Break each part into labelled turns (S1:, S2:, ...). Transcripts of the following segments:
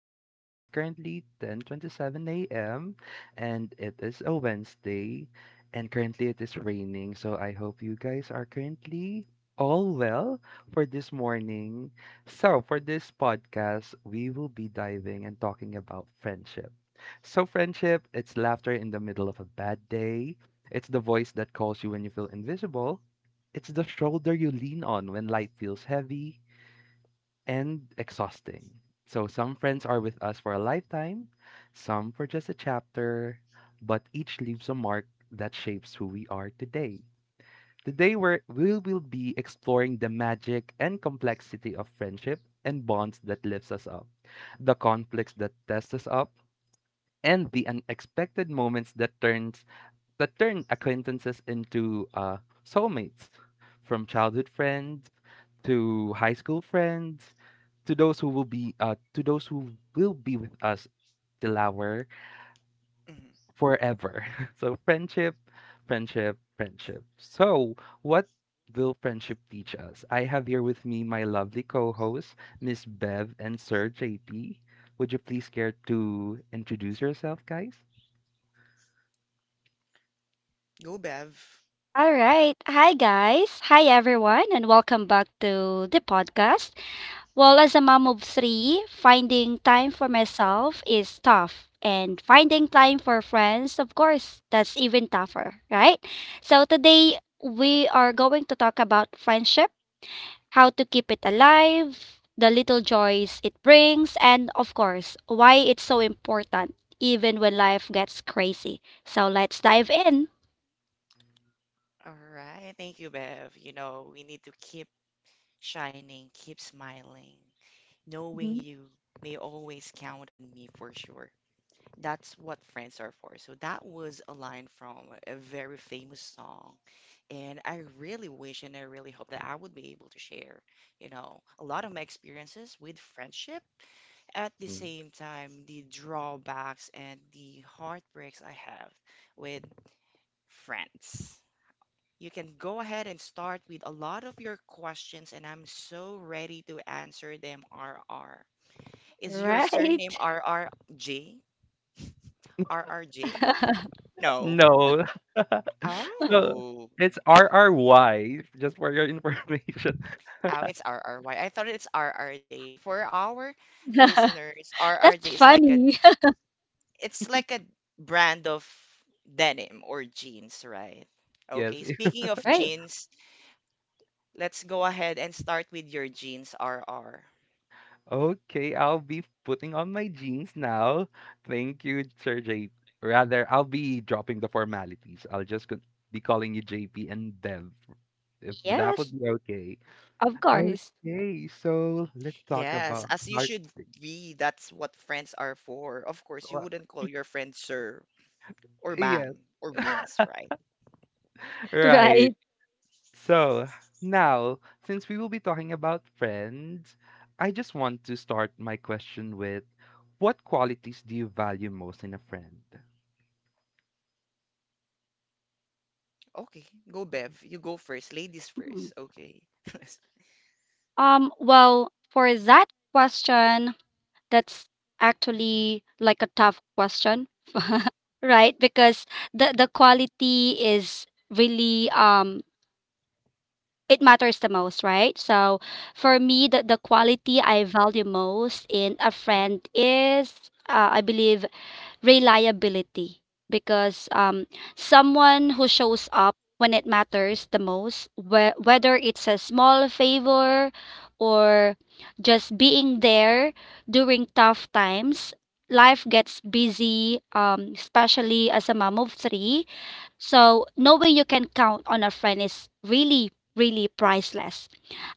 S1: Today is currently 10:27 a.m. and it is a Wednesday, and currently it is raining. So I hope you guys are currently all well for this morning. So for this podcast, we will be diving and talking about friendship. So friendship, it's laughter in the middle of a bad day. It's the voice that calls you when you feel invisible. It's the shoulder you lean on when life feels heavy and exhausting. So some friends are with us for a lifetime, some for just a chapter, but each leaves a mark that shapes who we are today. Today we will be exploring the magic and complexity of friendship, and bonds that lifts us up, the conflicts that test us up, and the unexpected moments that turns that turn acquaintances into soulmates, from childhood friends to high school friends to those who will be to those who will be with us till our
S2: Mhm.
S1: forever. So friendship. So what will friendship teach us? I have here with me my lovely co-hosts, Miss Bev and Sir JP. Would you please care to introduce yourself, guys?
S2: Go, Bev.
S3: All right. Hi, guys. Hi, everyone, and welcome back to the podcast. Well, as a mom of three, finding time for myself is tough. And finding time for friends, of course, that's even tougher, right? So, today we are going to talk about friendship, how to keep it alive, the little joys it brings, and of course, why it's so important, even when life gets crazy. So, let's dive in.
S2: All right. Thank you, Bev. You know, we need to keep shining, keep smiling. Knowing
S3: Mhm.
S2: you may always count on me for sure. That's what friends are for. So that was a line from a very famous song. And I really wish and I really hope that I would be able to share, you know, a lot of my experiences with friendship. At the
S1: Mm.
S2: same time, the drawbacks and the heartbreaks I have with friends. You can go ahead and start with a lot of your questions, and I'm so ready to answer them, RR. Is your surname
S3: Right.
S2: RRJ? RRJ? No.
S1: No. So,
S2: Oh.
S1: it's RRY, just for your information.
S2: Oh, it's RRY. I thought it's RRJ. For our listeners, RRJ
S3: That's
S2: is like a
S3: funny.
S2: it's like a brand of denim or jeans, right? Okay,
S1: Yes.
S2: speaking of
S3: Right.
S2: jeans, let's go ahead and start with your jeans, RR.
S1: Okay, I'll be putting on my jeans now. Thank you, Sir J P. Rather, I'll be dropping the formalities. I'll just c be calling you JP and Bev, if that would
S3: Yes,
S1: be okay.
S3: of course.
S1: Okay, so let's talk
S2: Yes,
S1: about
S2: as you
S1: heart
S2: should be. That's what friends are for. Of course, you wouldn't call your friend sir or ma'am
S1: yes.
S2: or miss, right?
S1: Right.
S3: Right.
S1: So now, since we will be talking about friends, I just want to start my question with what qualities do you value most in a friend?
S2: Okay, go Bev. You go first. Ladies
S3: Mm.
S2: first. Okay.
S3: Well, for that question, that's actually like a tough question. Right? Because the quality is really it matters the most, right? So for me, the quality I value most in a friend is I believe reliability because someone who shows up when it matters the most, whether it's a small favor or just being there during tough times, life gets busy, especially as a mom of three. So knowing you can count on a friend is really, really priceless.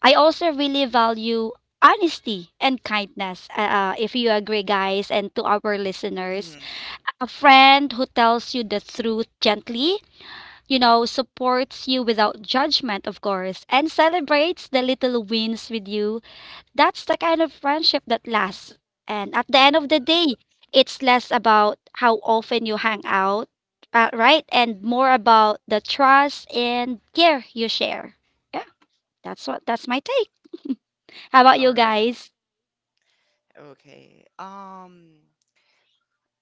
S3: I also really value honesty and kindness. If you agree, guys, and to our listeners,
S2: Mhm.
S3: a friend who tells you the truth gently, supports you without judgment, of course, and celebrates the little wins with you. That's the kind of friendship that lasts. And at the end of the day, it's less about how often you hang out, right? And more about the trust and care you share. Yeah, that's my take. How about
S2: All
S3: you
S2: right.
S3: guys?
S2: Okay.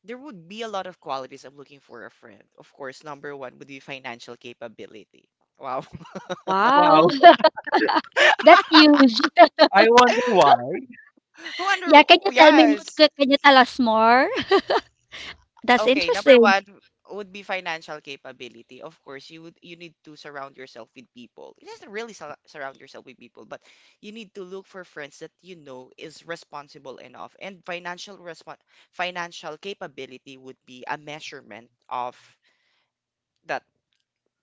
S2: There would be a lot of qualities I'm looking for a friend. Of course, number one would be financial capability. Wow.
S3: Wow,
S1: Wow,
S3: that's huge.
S1: I wonder why.
S2: Wonder,
S3: Yeah,
S2: yes.
S3: can you tell us more? That's
S2: Okay, number
S3: interesting.
S2: one would be financial capability. Of course, you need to surround yourself with people. It doesn't really surround yourself with people, but you need to look for friends that you know is responsible enough. And financial capability would be a measurement of that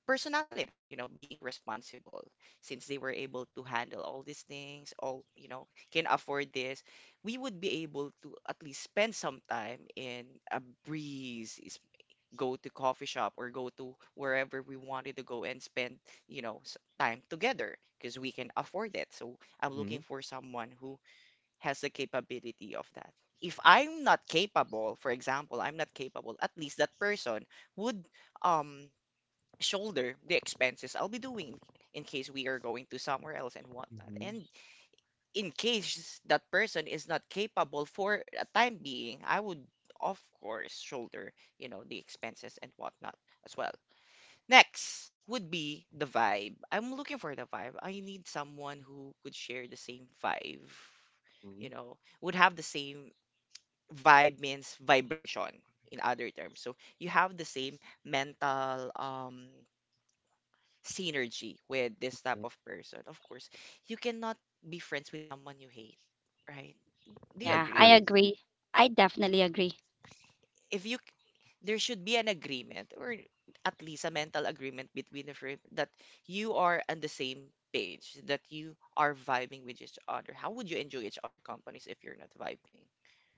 S2: personality, you know, being responsible since they were able to handle all these things, all, you know, can afford this. We would be able to at least spend some time in a breeze, go to coffee shop or go to wherever we wanted to go and spend, you know, time together because we can afford it. So I'm
S1: Mm-hmm.
S2: looking for someone who has the capability of that. If I'm not capable, for example, I'm not capable, at least that person would um shoulder the expenses I'll be doing in case we are going to somewhere else and whatnot.
S1: Mm-hmm.
S2: And in case that person is not capable for a time being, I would, of course, shoulder, you know, the expenses and whatnot as well. Next would be the vibe. I'm looking for the vibe. I need someone who could share the same vibe,
S1: Mm-hmm.
S2: you know, would have the same vibe. Means vibration in other terms. So you have the same mental synergy with this type of person. Of course, you cannot be friends with someone you hate, right? Do you
S3: Yeah, I
S2: agree?
S1: True.
S3: agree. I definitely agree.
S2: If you, there should be an agreement or at least a mental agreement between the friend that you are on the same page, that you are vibing with each other. How would you enjoy each other companies if you're not vibing?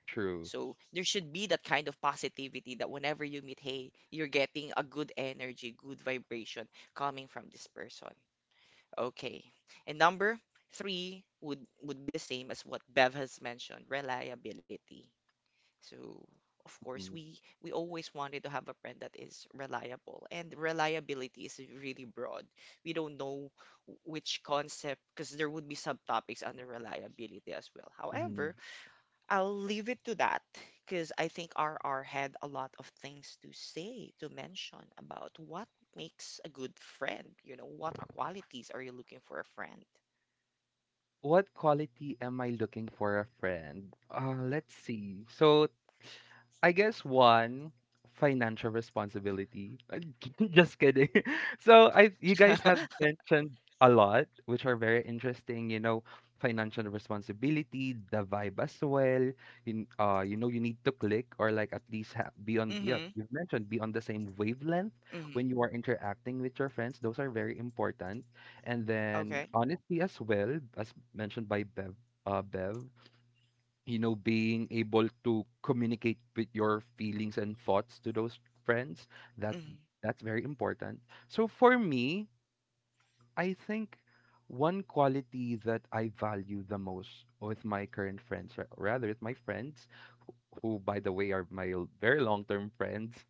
S1: True.
S2: So there should be that kind of positivity that whenever you meet, hey, you're getting a good energy, good vibration coming from this person. Okay. And number three would be the same as what Bev has mentioned, reliability. So, of course,
S1: Mm-hmm.
S2: we always wanted to have a friend that is reliable, and reliability is really broad. We don't know which concept, because there would be subtopics under reliability as well.
S1: Mm-hmm.
S2: However, I'll leave it to that because I think RR had a lot of things to say, to mention about what makes a good friend. You know, what qualities are you looking for a friend?
S1: What quality am I looking for a friend? Let's see. So, I guess one financial responsibility. Just kidding. So I You guys have mentioned a lot, which are very interesting. You know, financial responsibility, the vibe as well. You you know, you need to click or like at least be on. Yeah,
S2: Mm-hmm.
S1: you've mentioned be on the same wavelength
S2: Mm-hmm.
S1: when you are interacting with your friends. Those are very important. And then
S2: Okay.
S1: honesty as well, as mentioned by Bev, uh, Bev, you know, being able to communicate with your feelings and thoughts to those friends, that
S2: Mm-hmm.
S1: that's very important. So for me, I think one quality that I value the most with my current friends, or rather with my friends, who by the way are my very long-term friends,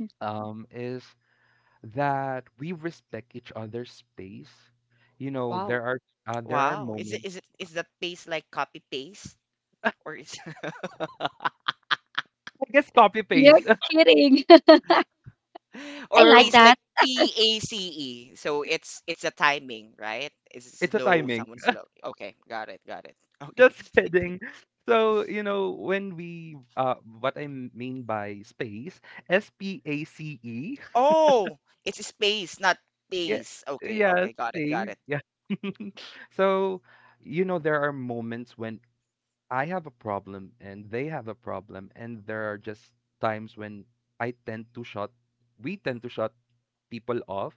S3: Mm.
S1: is that we respect each other's space. You know,
S3: Wow.
S1: there are
S2: Wow. Is it is
S1: moments
S2: it is that paste like copy paste? Or is
S1: I guess copy
S3: You're
S1: paste.
S3: kidding. I
S2: or
S3: like
S1: Or
S2: pace like
S3: that.
S2: PACE? So it's a timing, right? Is it
S1: it's a
S2: slow?
S1: timing.
S2: Someone slow. Okay, got it, got it. Okay.
S1: Just kidding. So, you know, when we what I mean by space, S P A C E.
S2: Oh, it's space, not
S1: Yeah.
S2: pace. Okay,
S1: Yeah,
S2: okay, got it, got
S1: space.
S2: it.
S1: Yeah. So, you know, there are moments when I have a problem and they have a problem and there are just times when I tend to shut we tend to shut people off,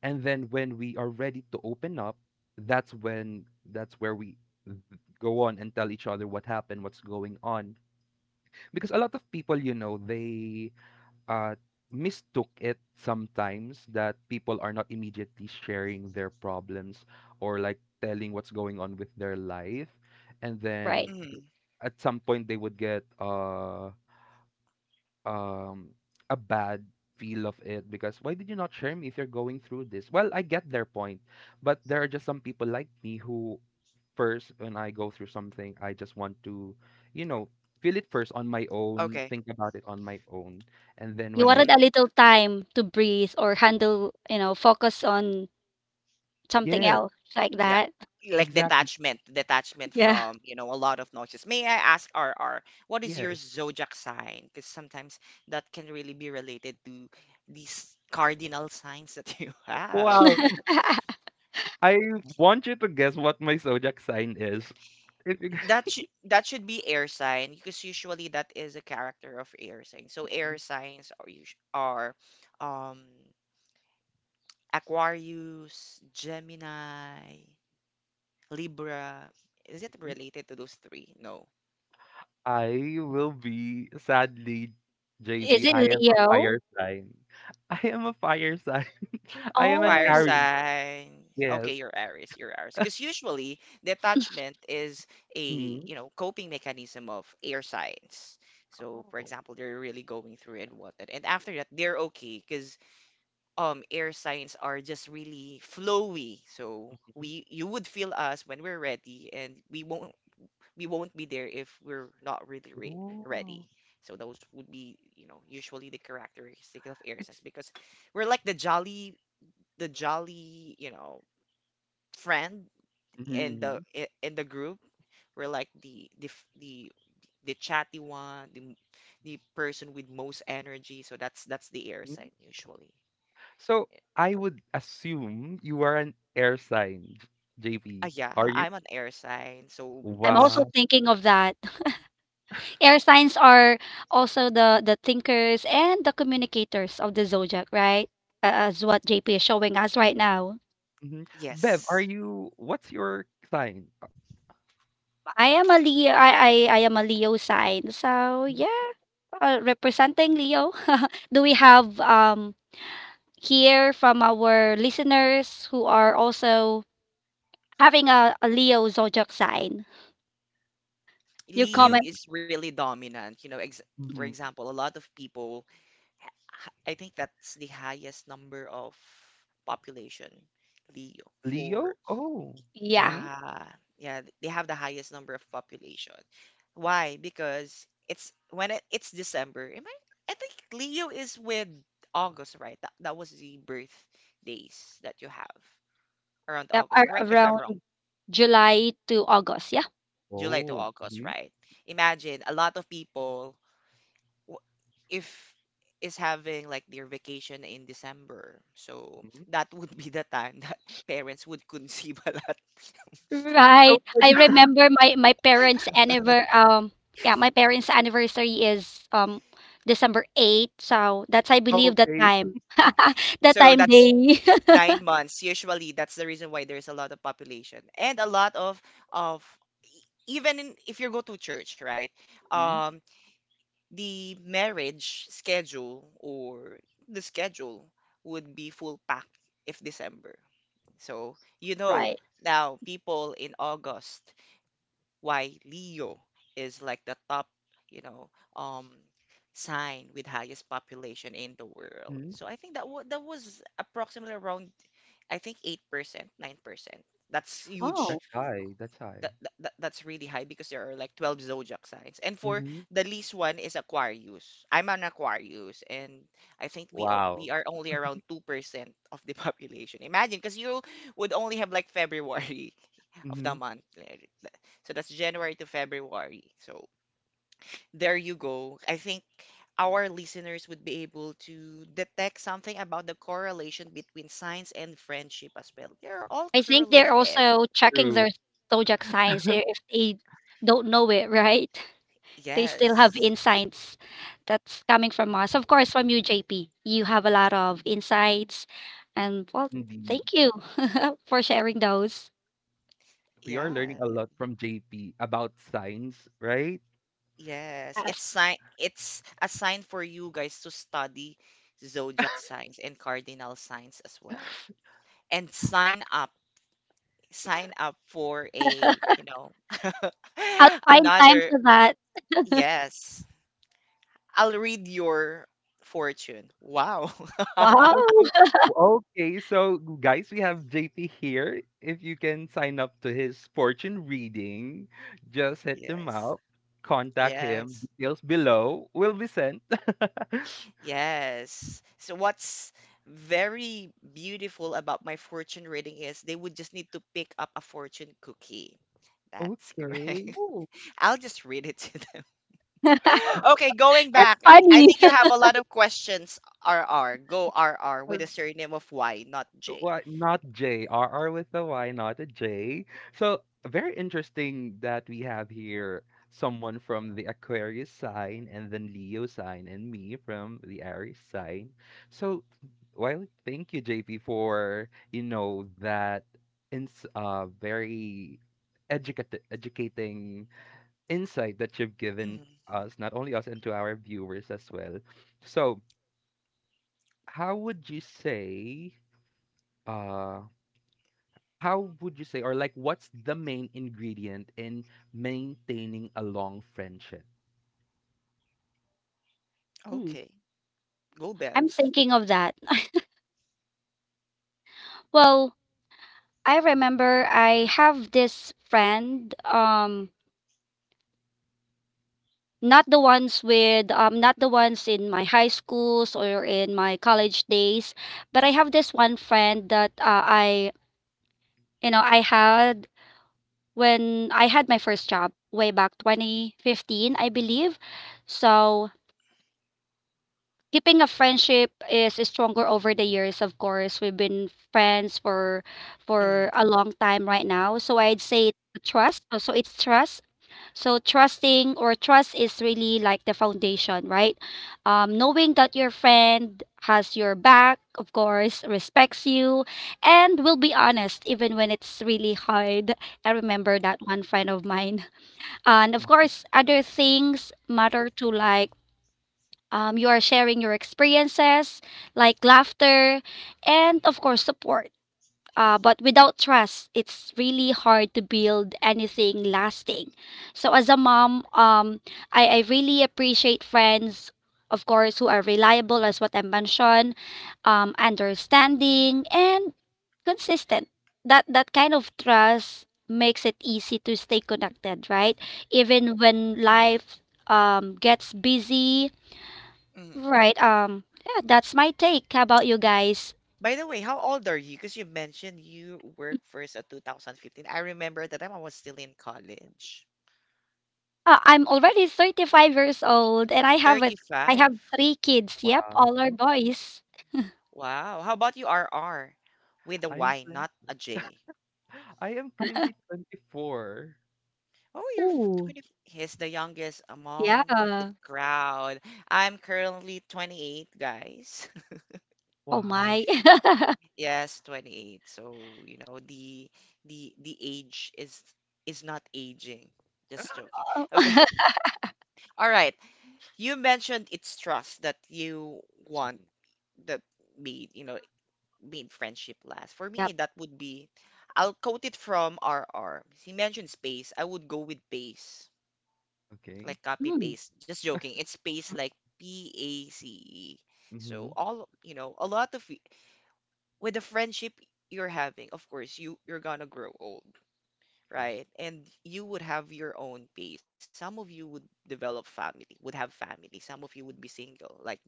S1: and then when we are ready to open up, that's when that's where we go on and tell each other what happened, what's going on, because a lot of people, you know, they uh mistook it sometimes that people are not immediately sharing their problems or like telling what's going on with their life, and then
S3: Right.
S2: Mm,
S1: at some point they would get um a bad feel of it because why did you not share me if you're going through this? Well, I get their point, but there are just some people like me who first, when I go through something, I just want to, you know, feel it first on my own,
S2: okay.
S1: think about it on my own, and then
S3: You
S1: when I
S3: wanted a
S2: Mm,
S3: little time to breathe or handle, focus on something
S1: yes,
S3: else like
S2: yeah.
S3: that.
S2: Like
S1: exactly.
S2: detachment, detachment
S3: Yeah.
S2: from, you know, a lot of noises. May I ask, R R, what is your
S1: Yes.
S2: zodiac sign? Because sometimes that can really be related to these cardinal signs that you
S1: Wow.
S2: have.
S1: I want you to guess what my zodiac sign is. If you
S2: That should be air sign because usually that is a character of air sign. So air signs are usu are um Aquarius, Gemini, Libra. Is it related to those three? No.
S1: I will be, sadly,
S3: Is
S1: JP,
S3: it
S1: I am a
S3: Leo?
S1: fire sign. I am a fire sign. I am an
S2: Fire
S3: Oh,
S1: Aries,
S2: sign. Okay,
S1: yes.
S2: you're Aries, you're Aries. Because usually detachment is a,
S1: Mhm.
S2: you know, coping mechanism of air signs. So, for
S1: Oh.
S2: example, they're really going through and whatnot. And after that, they're okay because. Air signs are just really flowy. So
S1: Mhm.
S2: we you would feel us when we're ready, and we won't be there if we're not really re ready.
S1: Oh.
S2: So those would be, you know, usually the characteristic of air
S1: It's
S2: signs because we're like the jolly, you know, friend
S1: mhm,
S2: in the
S1: mhm,
S2: in the group. We're like the chatty one, the person with most energy. So that's the air
S1: mhm.
S2: sign usually.
S1: So, I would assume you are an air sign, JP.
S2: Yeah,
S1: Are you?
S2: I'm an air sign, so
S3: I'm also
S2: that's
S1: Wow.
S3: thinking of that. Air signs are also the thinkers and the communicators of the zodiac, right? As what JP is showing us right now.
S1: Mhm. Bev, are
S2: yes.
S1: you what's your sign?
S3: I am a Leo. I am a Leo sign. So yeah, representing Leo. Do we have here from our listeners who are also having a Leo zodiac sign? You
S2: Leo
S3: comment.
S1: Anyone?
S2: is really dominant. You know, ex for
S1: Mhm.
S2: example, a lot of people, I think that's the highest number of population, Leo, for
S1: Leo? Oh.
S3: Yeah,
S1: Mhm.
S2: yeah, yeah, they have the highest number of population. Why? Because it's December. Am I think Leo is with August, right? That that was the birth days that you have around
S3: yep,
S2: August. Correct me if I'm
S3: around
S2: wrong.
S3: July to August. Yeah,
S2: July to
S1: Oh.
S2: August,
S1: Mhm,
S2: right? Imagine a lot of people w- if is having like their vacation in December. So
S1: mhm.
S2: that would be the time that parents would conceive a lot.
S1: So
S3: right. I remember my parents' anniver. Yeah, my parents' anniversary is December 8th. So that's, I
S1: Oh,
S3: believe, the
S1: okay.
S3: time. The
S2: So
S3: time
S2: that's
S3: they.
S2: 9 months. Usually, that's the reason why there's a lot of population and a lot of even in, if you go to church, right?
S1: Mhm,
S2: Um, the marriage schedule or the schedule would be full packed if December. So you know,
S3: Right.
S2: now people in August, why Leo is like the top, you know, um sign with highest population in the world.
S1: mhm.
S2: So I think that wa that was approximately around I think 8%, 9%. That's huge.
S3: Wow.
S1: That's high, that's high.
S2: That's really high because there are like 12 zodiac signs. And for
S1: Mhm.
S2: the least one is Aquarius. I'm an Aquarius and I think we
S1: Wow.
S2: are only around 2% of the population. Imagine, because you would only have like February of the
S1: Mhm.
S2: month. So that's January to February. So there you go. I think our listeners would be able to detect something about the correlation between science and friendship as well. They're all
S3: I think they're
S2: correlated.
S3: also checking their
S1: True.
S3: zodiac signs if they don't know it, right? They still have
S2: Yes.
S3: insights that's coming from us. Of course, from you, JP. You have a lot of insights. And well,
S1: Indeed.
S3: thank you for sharing those.
S1: We are
S2: Yeah.
S1: learning a lot from JP about science, right?
S2: Yes,
S3: Yes.
S2: it's a sign for you guys to study zodiac signs and cardinal signs as well. And sign up for a, you know,
S3: I'll find time
S2: another,
S3: to that.
S2: yes. I'll read your fortune. Wow.
S3: Wow.
S1: Also, okay, so guys, we have JP here. If you can sign up to his fortune reading, just hit him
S2: Yes.
S1: up, contact him.
S2: Yes.
S1: Details below will be sent.
S2: Yes. So what's very beautiful about my fortune reading is they would just need to pick up a fortune cookie. That's
S1: Okay.
S2: correct.
S3: Oh.
S2: I'll just read it to them.
S3: That's
S2: Okay, going back, I
S3: funny.
S2: think you have a lot of questions, R R. Go R R
S1: I
S2: with a surname of Y, not J.
S1: Why not JRR with the Y, not a J. So very interesting that we have here someone from the Aquarius sign and then Leo sign and me from the Aries sign. So well, thank you, JP, for you know that ins very educate educating insight that you've given
S2: Mm,
S1: us, not only us, and to our viewers as well. So how would you say uh how would you say, or like, what's the main ingredient in maintaining a long friendship?
S3: Hmm.
S2: okay, go
S3: I'm
S2: Bev.
S3: thinking of that. Well, I remember I have this friend. Not the ones in my high schools or in my college days, but I have this one friend that I had when I had my first job way back 2015, I believe. So, keeping a friendship is stronger over the years, of course. We've been friends for
S2: Mm,
S3: a long time right now. So, I'd say trust. So, it's trust. So, trusting or trust is really like the foundation, right? Knowing that your friend has your back, of course, respects you, and will be honest even when it's really hard. I remember that one friend of mine. And of course, other things matter too, like you are sharing your experiences, like laughter, and of course, support. But without trust, it's really hard to build anything lasting. So as a mom, I really appreciate friends, of course, who are reliable, as what I mentioned, understanding and consistent. That kind of trust makes it easy to stay connected, right? Even when
S2: mm,
S3: life gets busy,
S2: mm.
S3: right? Yeah, that's my take. How about you guys?
S2: By the way, how old are you? Because you mentioned you worked first at 2015. I remember at the time I was still in college.
S3: I'm already 35 years old and I have a I
S2: 35.
S3: have 3 kids. Yep,
S1: Wow.
S3: all are boys.
S2: Wow. How about you, R R, with a
S1: I am
S2: Y, not a
S1: 20,
S2: J.
S1: I am currently 24.
S2: Oh, you're
S3: Ooh,
S2: 20. He's the youngest among the
S3: yeah.
S2: crowd. I'm currently 28, guys.
S3: Oh
S1: Wow.
S3: my.
S2: Yes, 28. So, you know, the age is not aging. Just joking.
S3: Oh.
S2: Okay. All right. You mentioned it's trust that you want
S1: Mhm.
S2: that made, you know, made friendship last. For
S3: Yep.
S2: me, that would be I'll quote it from R. R. He mentioned space. I would go with pace.
S1: Okay.
S2: Like copy
S3: Mm.
S2: paste. Just joking. It's paste like PACE. So
S1: Mm-hmm.
S2: all you know, a lot of with the friendship you're having, of course, you're gonna grow old,
S1: Sure.
S2: right? And you would have your own pace. Some of you would develop family, would have family. Some of you would be single, like me,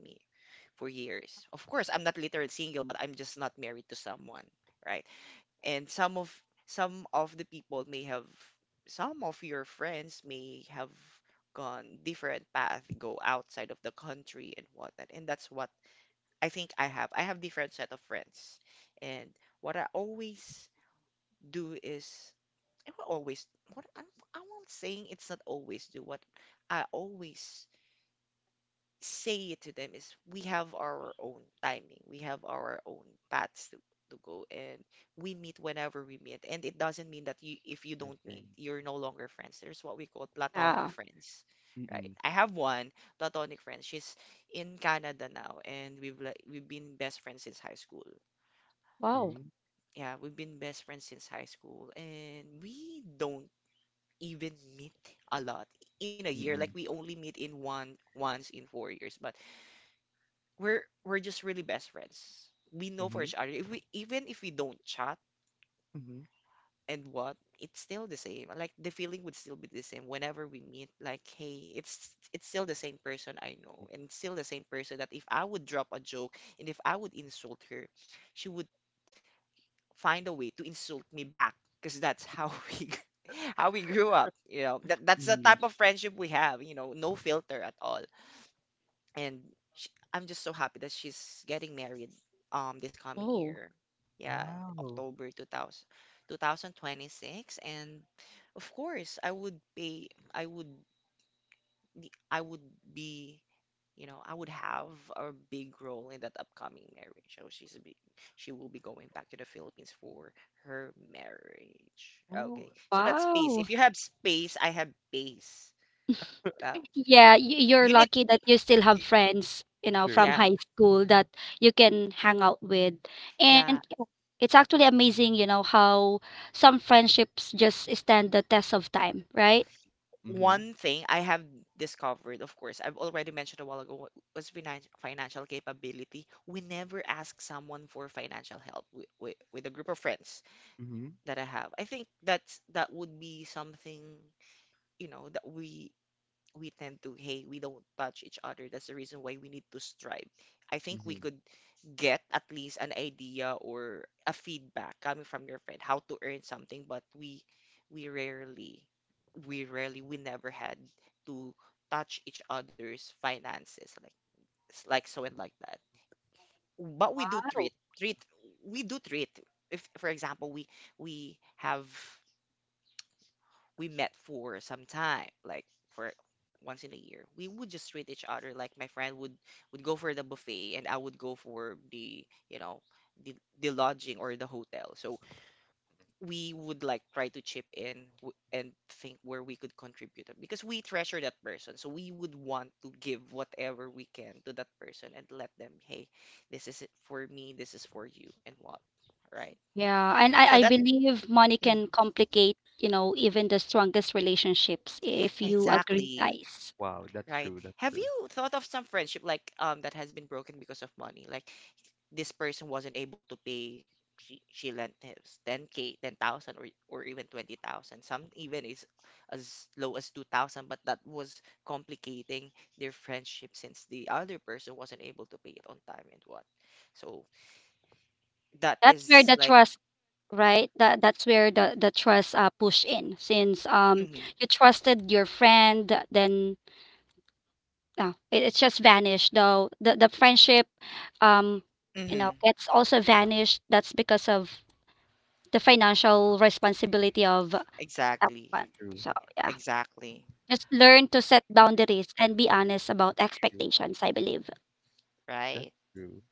S2: for years. Of course, I'm not literally single, but I'm just not married to someone, right? And some of the people may have some of your friends may have gone different path, go outside of the country and whatnot. And that's what, I think I have different set of friends. And what I always do is I will always what I'm, I won't saying it's not always do what I always say it to them is we have our own timing, we have our own paths to go, and we meet whenever we meet. And it doesn't mean that you, if you
S1: I
S2: don't
S1: agree.
S2: meet, you're no longer friends. There's what we call platonic
S3: Yeah.
S2: friends, right?
S1: Mm-mm.
S2: I have one platonic friend. She's in Canada now, and we've been best friends since high school.
S3: Wow.
S1: Okay.
S2: Yeah, we've been best friends since high school, and we don't even meet a lot in a year. Like
S1: Mm-mm.
S2: we only meet in one once in 4 years, but we're just really best friends. We know for
S1: Mm-hmm.
S2: each other. If we even if we don't chat
S1: Mm-hmm.
S2: and what, it's still the same. Like the feeling would still be the same whenever we meet. Like, hey, it's still the same person I know, and still the same person that if I would drop a joke and if I would insult her, she would find a way to insult me back. Because that's how we how we grew up. You know, that's the
S1: Mm-hmm.
S2: type of friendship we have. You know, no filter at all. And sh I'm just so happy that she's getting married this coming
S3: Oh,
S2: year. Yeah,
S1: Wow.
S2: October 2026, and of course I would pay I would I would be I would have a big role in that upcoming marriage. So she will be going back to the Philippines for her marriage.
S1: Oh,
S2: Okay. So that's space.
S3: wow.
S2: If you have space, I have base. Uh,
S3: Yeah, you're
S2: you need
S3: lucky that you still have
S2: y-
S3: friends, from
S1: true.
S2: yeah,
S3: high school that you can hang out with. And
S2: yeah.
S3: it's actually amazing, how some friendships just stand the test of time, right?
S1: Mm-hmm.
S2: One thing I have discovered, of course, I've already mentioned a while ago, was financial capability. We never ask someone for financial help with a group of friends
S1: Mm-hmm.
S2: that I have. I think that would be something, that we tend to. Hey, we don't touch each other. That's the reason why we need to strive. I think we
S1: Mm-hmm.
S2: could get at least an idea or a feedback coming from your friend how to earn something. But we rarely we never had to touch each other's finances, like so and like that. But we do
S3: Wow.
S2: treat. If for example we have we met for some time, like for once in a year, we would just treat each other. Like my friend would go for the buffet, and I would go for the the lodging or the hotel. So we would like try to chip in and think where we could contribute because we treasure that person. So we would want to give whatever we can to that person and let them, hey, this is it for me, this is for you, and what, right?
S3: Yeah, and
S2: So
S3: I
S2: that.
S3: believe money can
S2: Mhm.
S3: complicate, even the strongest relationships if you agree,
S2: Exactly.
S3: guys.
S1: Wow, that's
S2: Right.
S1: true. That's
S2: Have
S1: true.
S2: you thought of some friendship like that has been broken because of money? Like this person wasn't able to pay. She lent his 10k, 10,000, or even 20,000. Some even is as low as 2,000, but that was complicating their friendship since the other person wasn't able to pay it on time and what. So that
S3: That's where
S2: is
S3: the
S2: like
S3: trust, right? That's where the trust push in since
S2: mm-hmm,
S3: you trusted your friend, then it's just vanished though. The friendship um
S2: mm-hmm,
S3: gets also vanished. That's because of the financial responsibility of that
S2: exactly.
S3: one.
S1: True.
S3: So yeah.
S2: Exactly.
S3: Just learn to set boundaries and be honest about
S1: True.
S3: expectations, I believe.
S2: Right.
S1: That's true.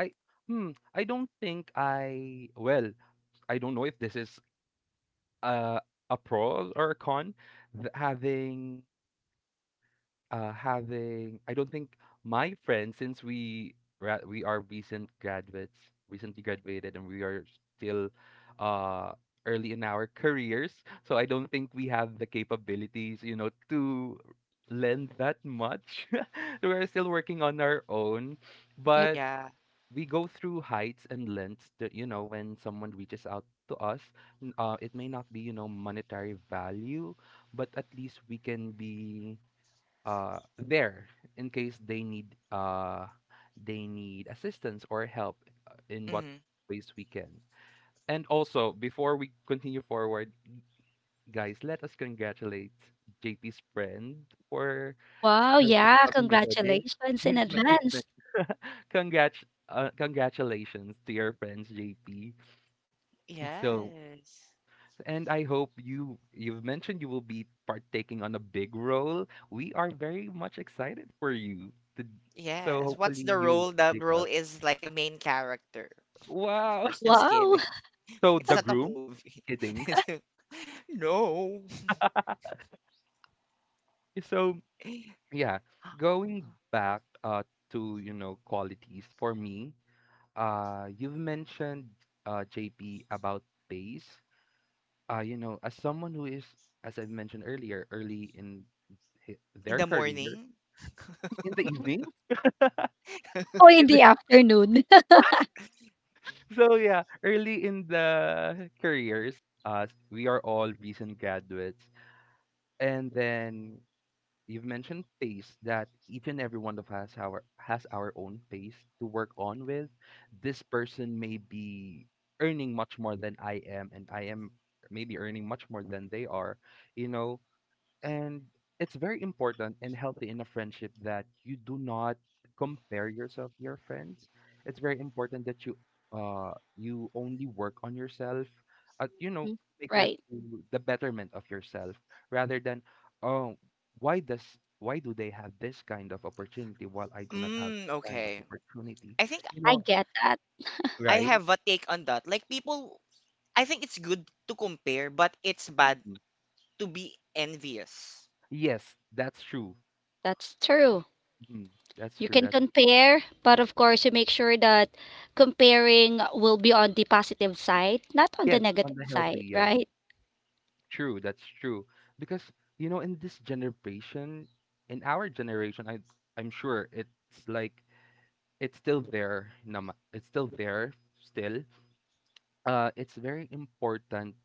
S1: I hmm. I don't think I well. I don't know if this is a a pro or a con. Th- Having having I don't think my friends, since we are recent graduates, recently graduated, and we are still uh early in our careers. So I don't think we have the capabilities, you know, to lend that much. We're still working on our own,
S3: Yep.
S1: but
S2: Yeah.
S1: we go through heights and lengths that, you know, when someone reaches out to us it may not be, you know, monetary value, but at least we can be there in case they need assistance or help in what
S2: Mm-hmm.
S1: ways we can. And also, before we continue forward, guys, let us congratulate JP's friend for
S3: Wow,
S1: her
S3: yeah,
S1: upcoming wedding.
S3: congratulations in
S1: He's, ma- he's
S3: advance.
S1: ma- Congrats, congratulations to your friends, JP. And so,
S2: Yes.
S1: and I hope you you've mentioned you will be partaking on a big role. We are very much excited for you. To, so
S2: Yes. What's
S1: hopefully
S2: the
S1: you
S2: role? The
S1: update
S2: role
S1: us.
S2: is like a main character. Of
S1: Wow.
S2: course, just
S3: Wow.
S2: kidding.
S1: So
S2: It's
S1: the
S2: not a
S1: groom,
S2: movie.
S1: kidding.
S2: No.
S1: So yeah, going back to, you know, qualities for me, you've mentioned JP about pace. Uh, you know, as someone who is, as I've mentioned earlier, early in
S2: In
S1: their
S2: the
S1: career
S2: morning?
S1: in the evening.
S3: Or in
S1: in the-
S3: the afternoon.
S1: What? So yeah, early in the careers, we are all recent graduates, and then you've mentioned pace that each and every one of us our has our own pace to work on with. This person may be earning much more than I am, and I am maybe earning much more than they are. You know, and it's very important and healthy in a friendship that you do not compare yourself to your friends. It's very important that you you only work on yourself at, you know,
S3: Mm,
S1: make your,
S3: right.
S1: the betterment of yourself, rather than oh, why does why do they have this kind of opportunity while I do not have
S2: Mm,
S1: that kind of
S2: okay.
S1: opportunity,
S2: I think
S1: you
S3: I
S1: know,
S3: get that.
S2: I
S1: right.
S2: have a take on that. Like people, I think it's good to compare, but it's bad
S1: Mhm.
S2: to be envious.
S1: Yes, that's true.
S3: That's true.
S1: Mhm. That's
S3: You
S1: true.
S3: can
S1: That's
S3: compare, but of course, you make sure that comparing will be on the positive side, not on the
S1: Yes, on
S3: negative
S1: the
S3: side,
S1: healthy.
S3: right?
S1: True, that's true. Because, you know, in this generation, in our generation, I I'm sure it's like it's still there. Nama, it's still there still, it's very important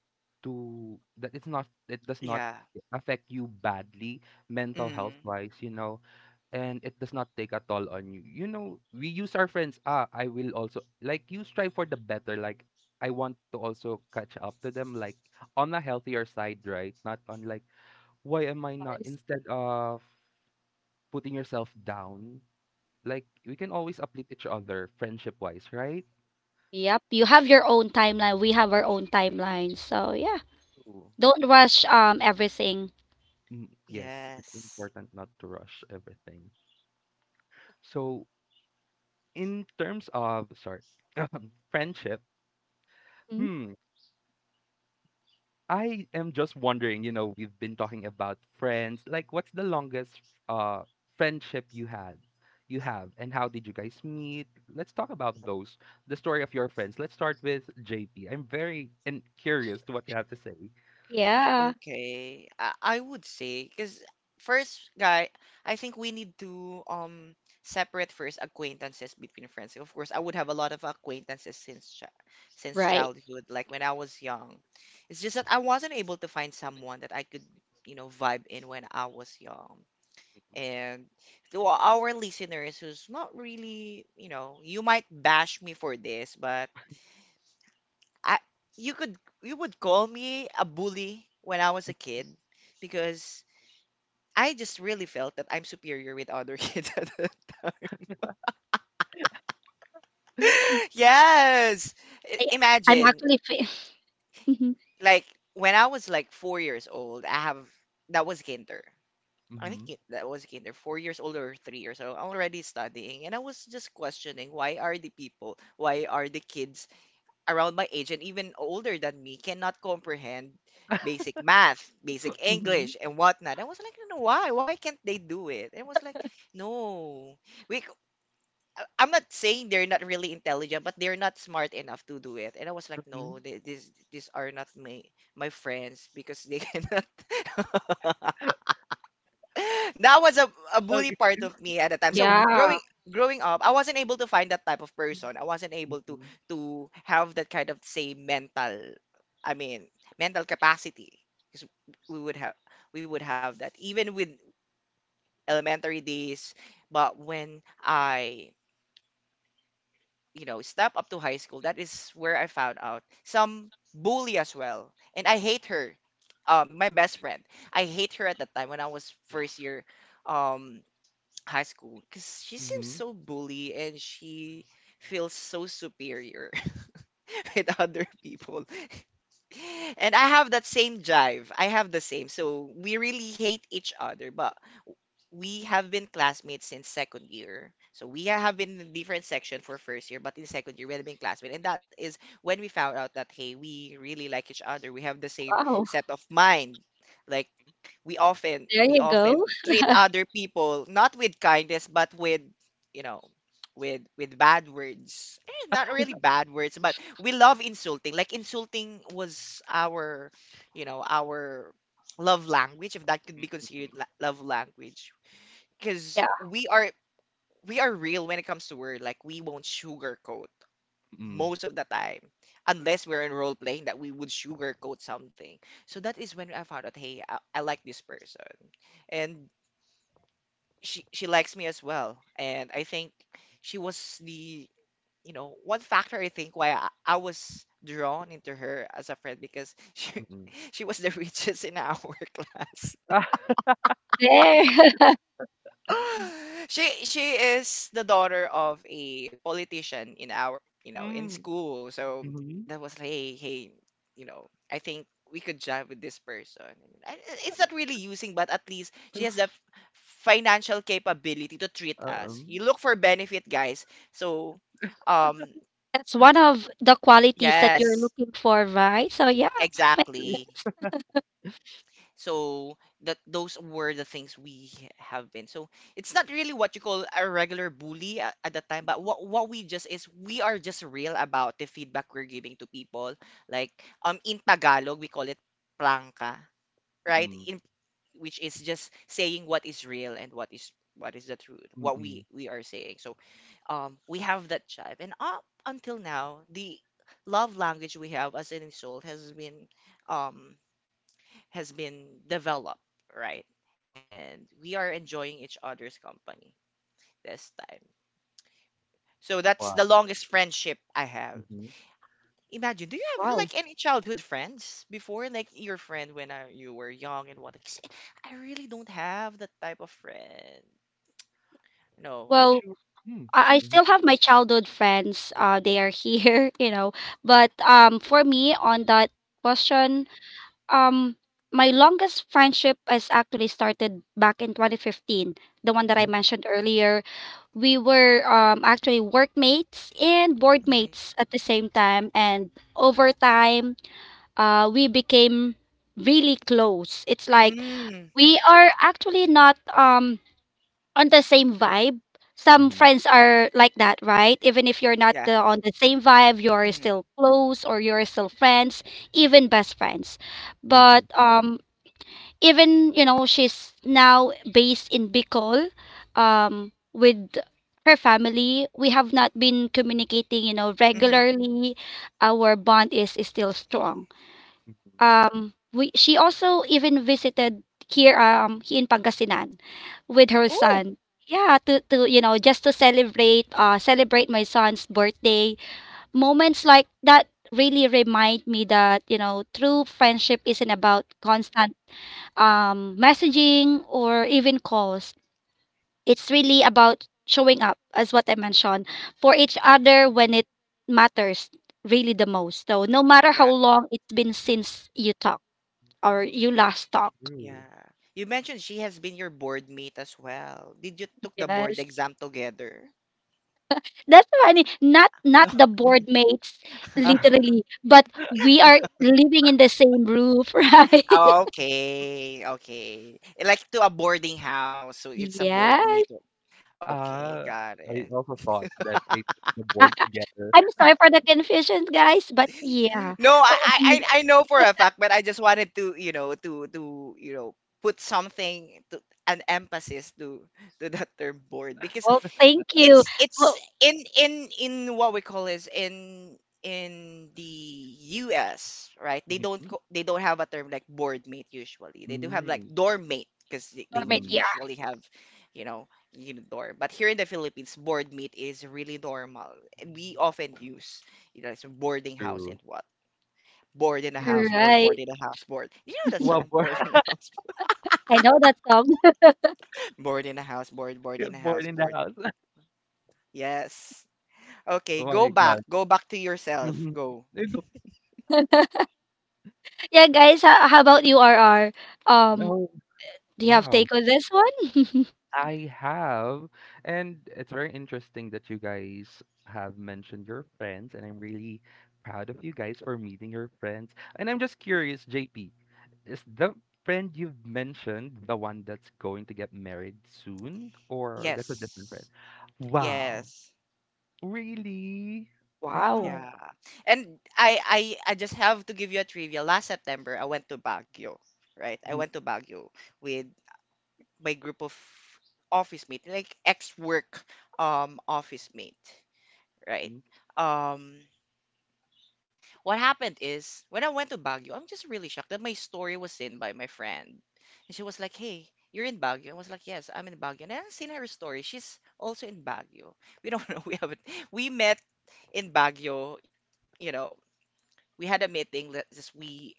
S1: to that it's not it does not
S2: Yeah.
S1: affect you badly mental health
S2: Mm.
S1: wise, you know, and it does not take a toll on you. You know, we use our friends. Ah, I will also like you strive for the better, like I want to also catch up to them, like on a healthier side, right? Not on like why am I not, instead of putting yourself down, like we can always uplift each other friendship wise, right?
S3: Yep. You have your own timeline. We have our own timeline. So yeah,
S1: True.
S3: don't rush everything.
S1: Mm, yes, it's
S2: Yes.
S1: important not to rush everything. So, in terms of, sorry, friendship,
S3: Mm,
S1: hmm, I am just wondering, you know, we've been talking about friends. Like, what's the longest uh friendship you had? You have, and how did you guys meet? Let's talk about those. The story of your friends. Let's start with JP. I'm very and curious to what you have to say.
S3: yeah.
S2: Okay, I would say because first, guy, I think we need to separate first acquaintances between friends. Of course, I would have a lot of acquaintances since chi since
S3: Right.
S2: childhood, like when I was young. It's just that I wasn't able to find someone that I could, vibe in when I was young. And to our listeners who's not really, you might bash me for this, but I you could you would call me a bully when I was a kid because I just really felt that I'm superior with other kids at that time. Yes.
S3: I, I'm
S2: Imagine
S3: actually.
S2: like when I was like 4 years old, I have that was kinder. I think
S1: Mm-hmm.
S2: that was kinder, 4 years old or 3 years old. I'm already studying, and I was just questioning why are the kids around my age and even older than me cannot comprehend basic math, basic
S1: Mm-hmm.
S2: English, and whatnot. I was like, no, why? Why can't they do it? And it was like, no, we. c- I'm not saying they're not really intelligent, but they're not smart enough to do it. And I was like,
S1: Mm-hmm.
S2: no, they, these are not my friends because they cannot. That was a bully
S1: Okay.
S2: part of me at the time. So
S1: Mm-hmm.
S3: Yeah.
S2: growing up, I wasn't able to find that type of person. I wasn't able to
S1: Mm-hmm.
S2: to have that kind of say mental, I mean, mental capacity. 'Cause we would have we would have that even with elementary days. But when I step up to high school, that is where I found out some bully as well, and I hate her. My best friend. I hate her at that time when I was first year um high school because she seems
S1: Mm-hmm.
S2: so bully and she feels so superior with other people. And I have that same drive. I have the same. So we really hate each other, but we have been classmates since second year. So we have been in different section for first year, but in second year we have been classmates. And that is when we found out that hey, we really like each other. We have the same
S3: Wow.
S2: set of mind. Like we often
S3: There
S2: we
S3: you
S2: often
S3: go. Yeah.
S2: treat other people not with kindness, but with you know with bad words eh, not really bad words, but we love insulting. Like insulting was our you know our love language, if that could be considered
S1: Mm-hmm.
S2: love language, because we are real when it comes to word. Like we won't sugarcoat most of the time, unless we're in role playing that we would sugarcoat something. So that is when I found out, hey, I like this person, and she likes me as well. And I think she was the one factor, I think, why I was drawn into her as a friend, because she
S1: Mm-hmm.
S2: she was the richest in our class.
S1: Ah.
S3: There.
S2: She is the daughter of a politician in our, in
S1: Hmm,
S2: school. So
S1: mhm.
S2: that was like, hey, hey, I think we could jive with this person. It's not really using, but at least she has the financial capability to treat us.
S1: Oo.
S2: You look for benefit, guys. So, um,
S3: That's one of the qualities that you're
S2: yes,
S3: looking for, right? So yeah. ma-
S2: exactly. So that those were the things we have been. So it's not really what you call a regular bully at that time, but what we just is we are just real about the feedback we're giving to people. Like in Tagalog we call it plangka, right?
S1: Mm,
S2: In which is just saying what is real, and what is the truth, what
S1: mm.
S2: we are saying. So we have that jive, and up until now the love language we have as an insult um has been developed, right? And we are enjoying each other's company this time. So that's the
S1: Wow,
S2: longest friendship I have.
S1: mhm.
S2: Imagine, do you have
S3: Wow.
S2: like any childhood friends before, like your friend when you were young and what? 'Cause I really don't have that type of friend. No.
S3: Well,
S1: True. Hmm,
S3: I
S1: mhm,
S3: still have my childhood friends. They are here, you know. But for me on that question, um, my longest friendship is actually started back in 2015. The one that I
S1: mhm,
S3: mentioned earlier, we were actually workmates and
S2: Mm-hmm.
S3: boardmates at the same time, and over time we became really close. It's like
S2: Mm,
S3: we are actually not on the same vibe. Some
S1: mhm,
S3: friends are like that, right? Even if you're not
S2: yeah.
S3: on the same vibe, you're
S2: Mm-hmm.
S3: still close or you're still friends, even best friends. But
S1: mm,
S3: even she's now based in Bicol, with her family. We have not been communicating,
S2: Mm-hmm.
S3: regularly. Our bond is still strong.
S1: mhm.
S3: We She also even visited here in Pangasinan with her
S2: Oh,
S3: son. Yeah, to just to celebrate my son's birthday. Moments like that really remind me that true friendship isn't about constant messaging or even calls. It's really about showing up, as what I mentioned, for each other when it matters really the most. So no matter how
S2: yeah.
S3: long it's been since you talk or you last talk.
S1: True.
S2: Yeah. You mentioned she has been your board mate as well. Did you took the board
S3: Yes.
S2: exam together?
S3: That's funny. Not
S2: No.
S3: the board mates
S1: Ah,
S3: literally, but we are living in the same roof, right?
S2: Ah, okay, okay. Like to a boarding house, so it's a board
S3: Yes.
S2: meet. Okay,
S1: ah,
S2: got
S1: I
S2: it.
S1: also thought that they put the board together.
S3: I'm sorry for the confusion, guys, but yeah.
S2: No, I,
S3: Oh,
S2: I I I know for a fact, but I just wanted to put something to an emphasis to that term board, because
S3: well, thank you.
S2: it's
S3: Oh,
S2: it's in what we call is in the US, right? They don't
S1: Mhm.
S2: they don't have a term like board mate usually. They do have like
S1: Mm,
S2: dorm mate, because they would
S3: dormant,
S1: mm.
S3: yeah.
S2: usually have, you know, dorm. But here in the Philippines, board mate is really normal. And we often use, it's a boarding house
S1: True.
S2: and what. Board in a house,
S1: Mhm.
S2: board, board
S3: Right.
S2: in a house, board. You know that
S1: Well,
S2: song?
S1: born
S2: Board in a house,
S3: I know that song.
S2: board in a house, board, board in a
S1: born
S2: house,
S1: in the
S2: board.
S1: house.
S2: Yes. Okay,
S1: Oh
S2: go
S1: my
S2: back.
S1: god.
S2: Go back to yourself.
S1: Mhm.
S2: Go.
S1: It looked
S3: Yeah, guys, how about you, R? R? Um,
S1: oh,
S3: do you have
S1: wow.
S3: take on this one?
S1: I have, and it's very interesting that you guys have mentioned your friends, and I'm really proud of you guys for meeting your friends. And I'm just curious, JP, is the friend you've mentioned the one that's going to get married soon, or that's a different friend?
S2: Yes.
S1: Wow,
S2: Yes.
S1: really?
S3: Wow.
S1: Wow.
S2: Yeah. And I just have to give you a trivia. Last September, I went to Baguio, right? I
S1: Mhm,
S2: went to Baguio with my group of office mate, like ex-work office mate, right?
S1: mhm,
S2: Um what happened is when I went to Baguio, I'm just really shocked that my story was seen by my friend. And she was like, hey, you're in Baguio. I was like, yes, I'm in Baguio. And I haven't seen her story. She's also in Baguio. We don't know. We haven't. We met in Baguio. You know, we had a meeting that just we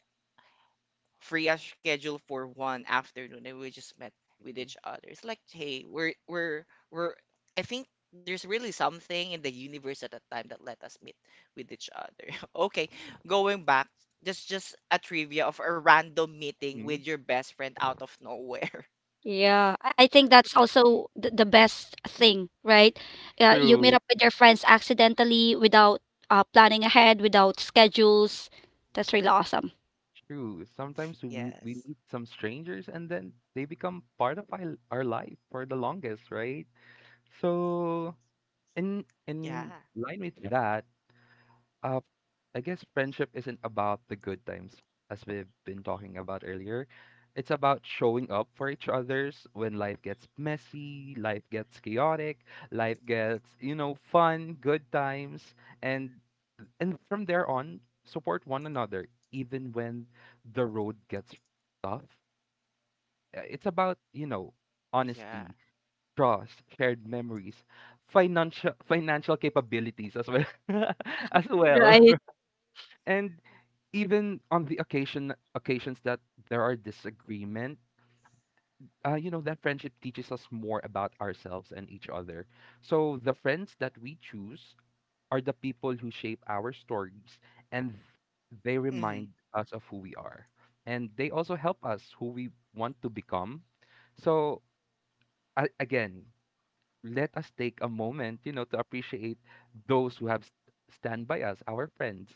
S2: free as schedule for one afternoon, and we just met with
S1: mhm,
S2: each other. It's like, hey, we're I think there's really something in the universe at that time that let us meet with each other. Okay, going back, just a trivia of a random meeting
S1: mhm.
S2: with your best friend out of nowhere.
S3: Yeah, I think that's also the best thing, right? You meet
S1: True.
S3: up with your friends accidentally without planning ahead, without schedules. That's really awesome.
S1: True. Sometimes we
S2: Yes.
S1: meet some strangers, and then they become part of our life for the longest, right? So in
S2: Yeah.
S1: line with that, uh, I guess friendship isn't about the good times, as we've been talking about earlier. It's about showing up for each other's when life gets messy, life gets chaotic, life gets, you know, fun, good times, and and from there on, support one another even when the road gets tough. It's about, you know,
S2: Yeah.
S1: honesty, trust, shared memories, financial capabilities as well as well.
S3: Right.
S1: And even on the occasions that there are disagreement, you know, that friendship teaches us more about ourselves and each other. So the friends that we choose are the people who shape our stories, and they remind
S2: Mhm.
S1: us of who we are. And they also help us who we want to become. So, again, let us take a moment, you know, to appreciate those who have stand by us, our friends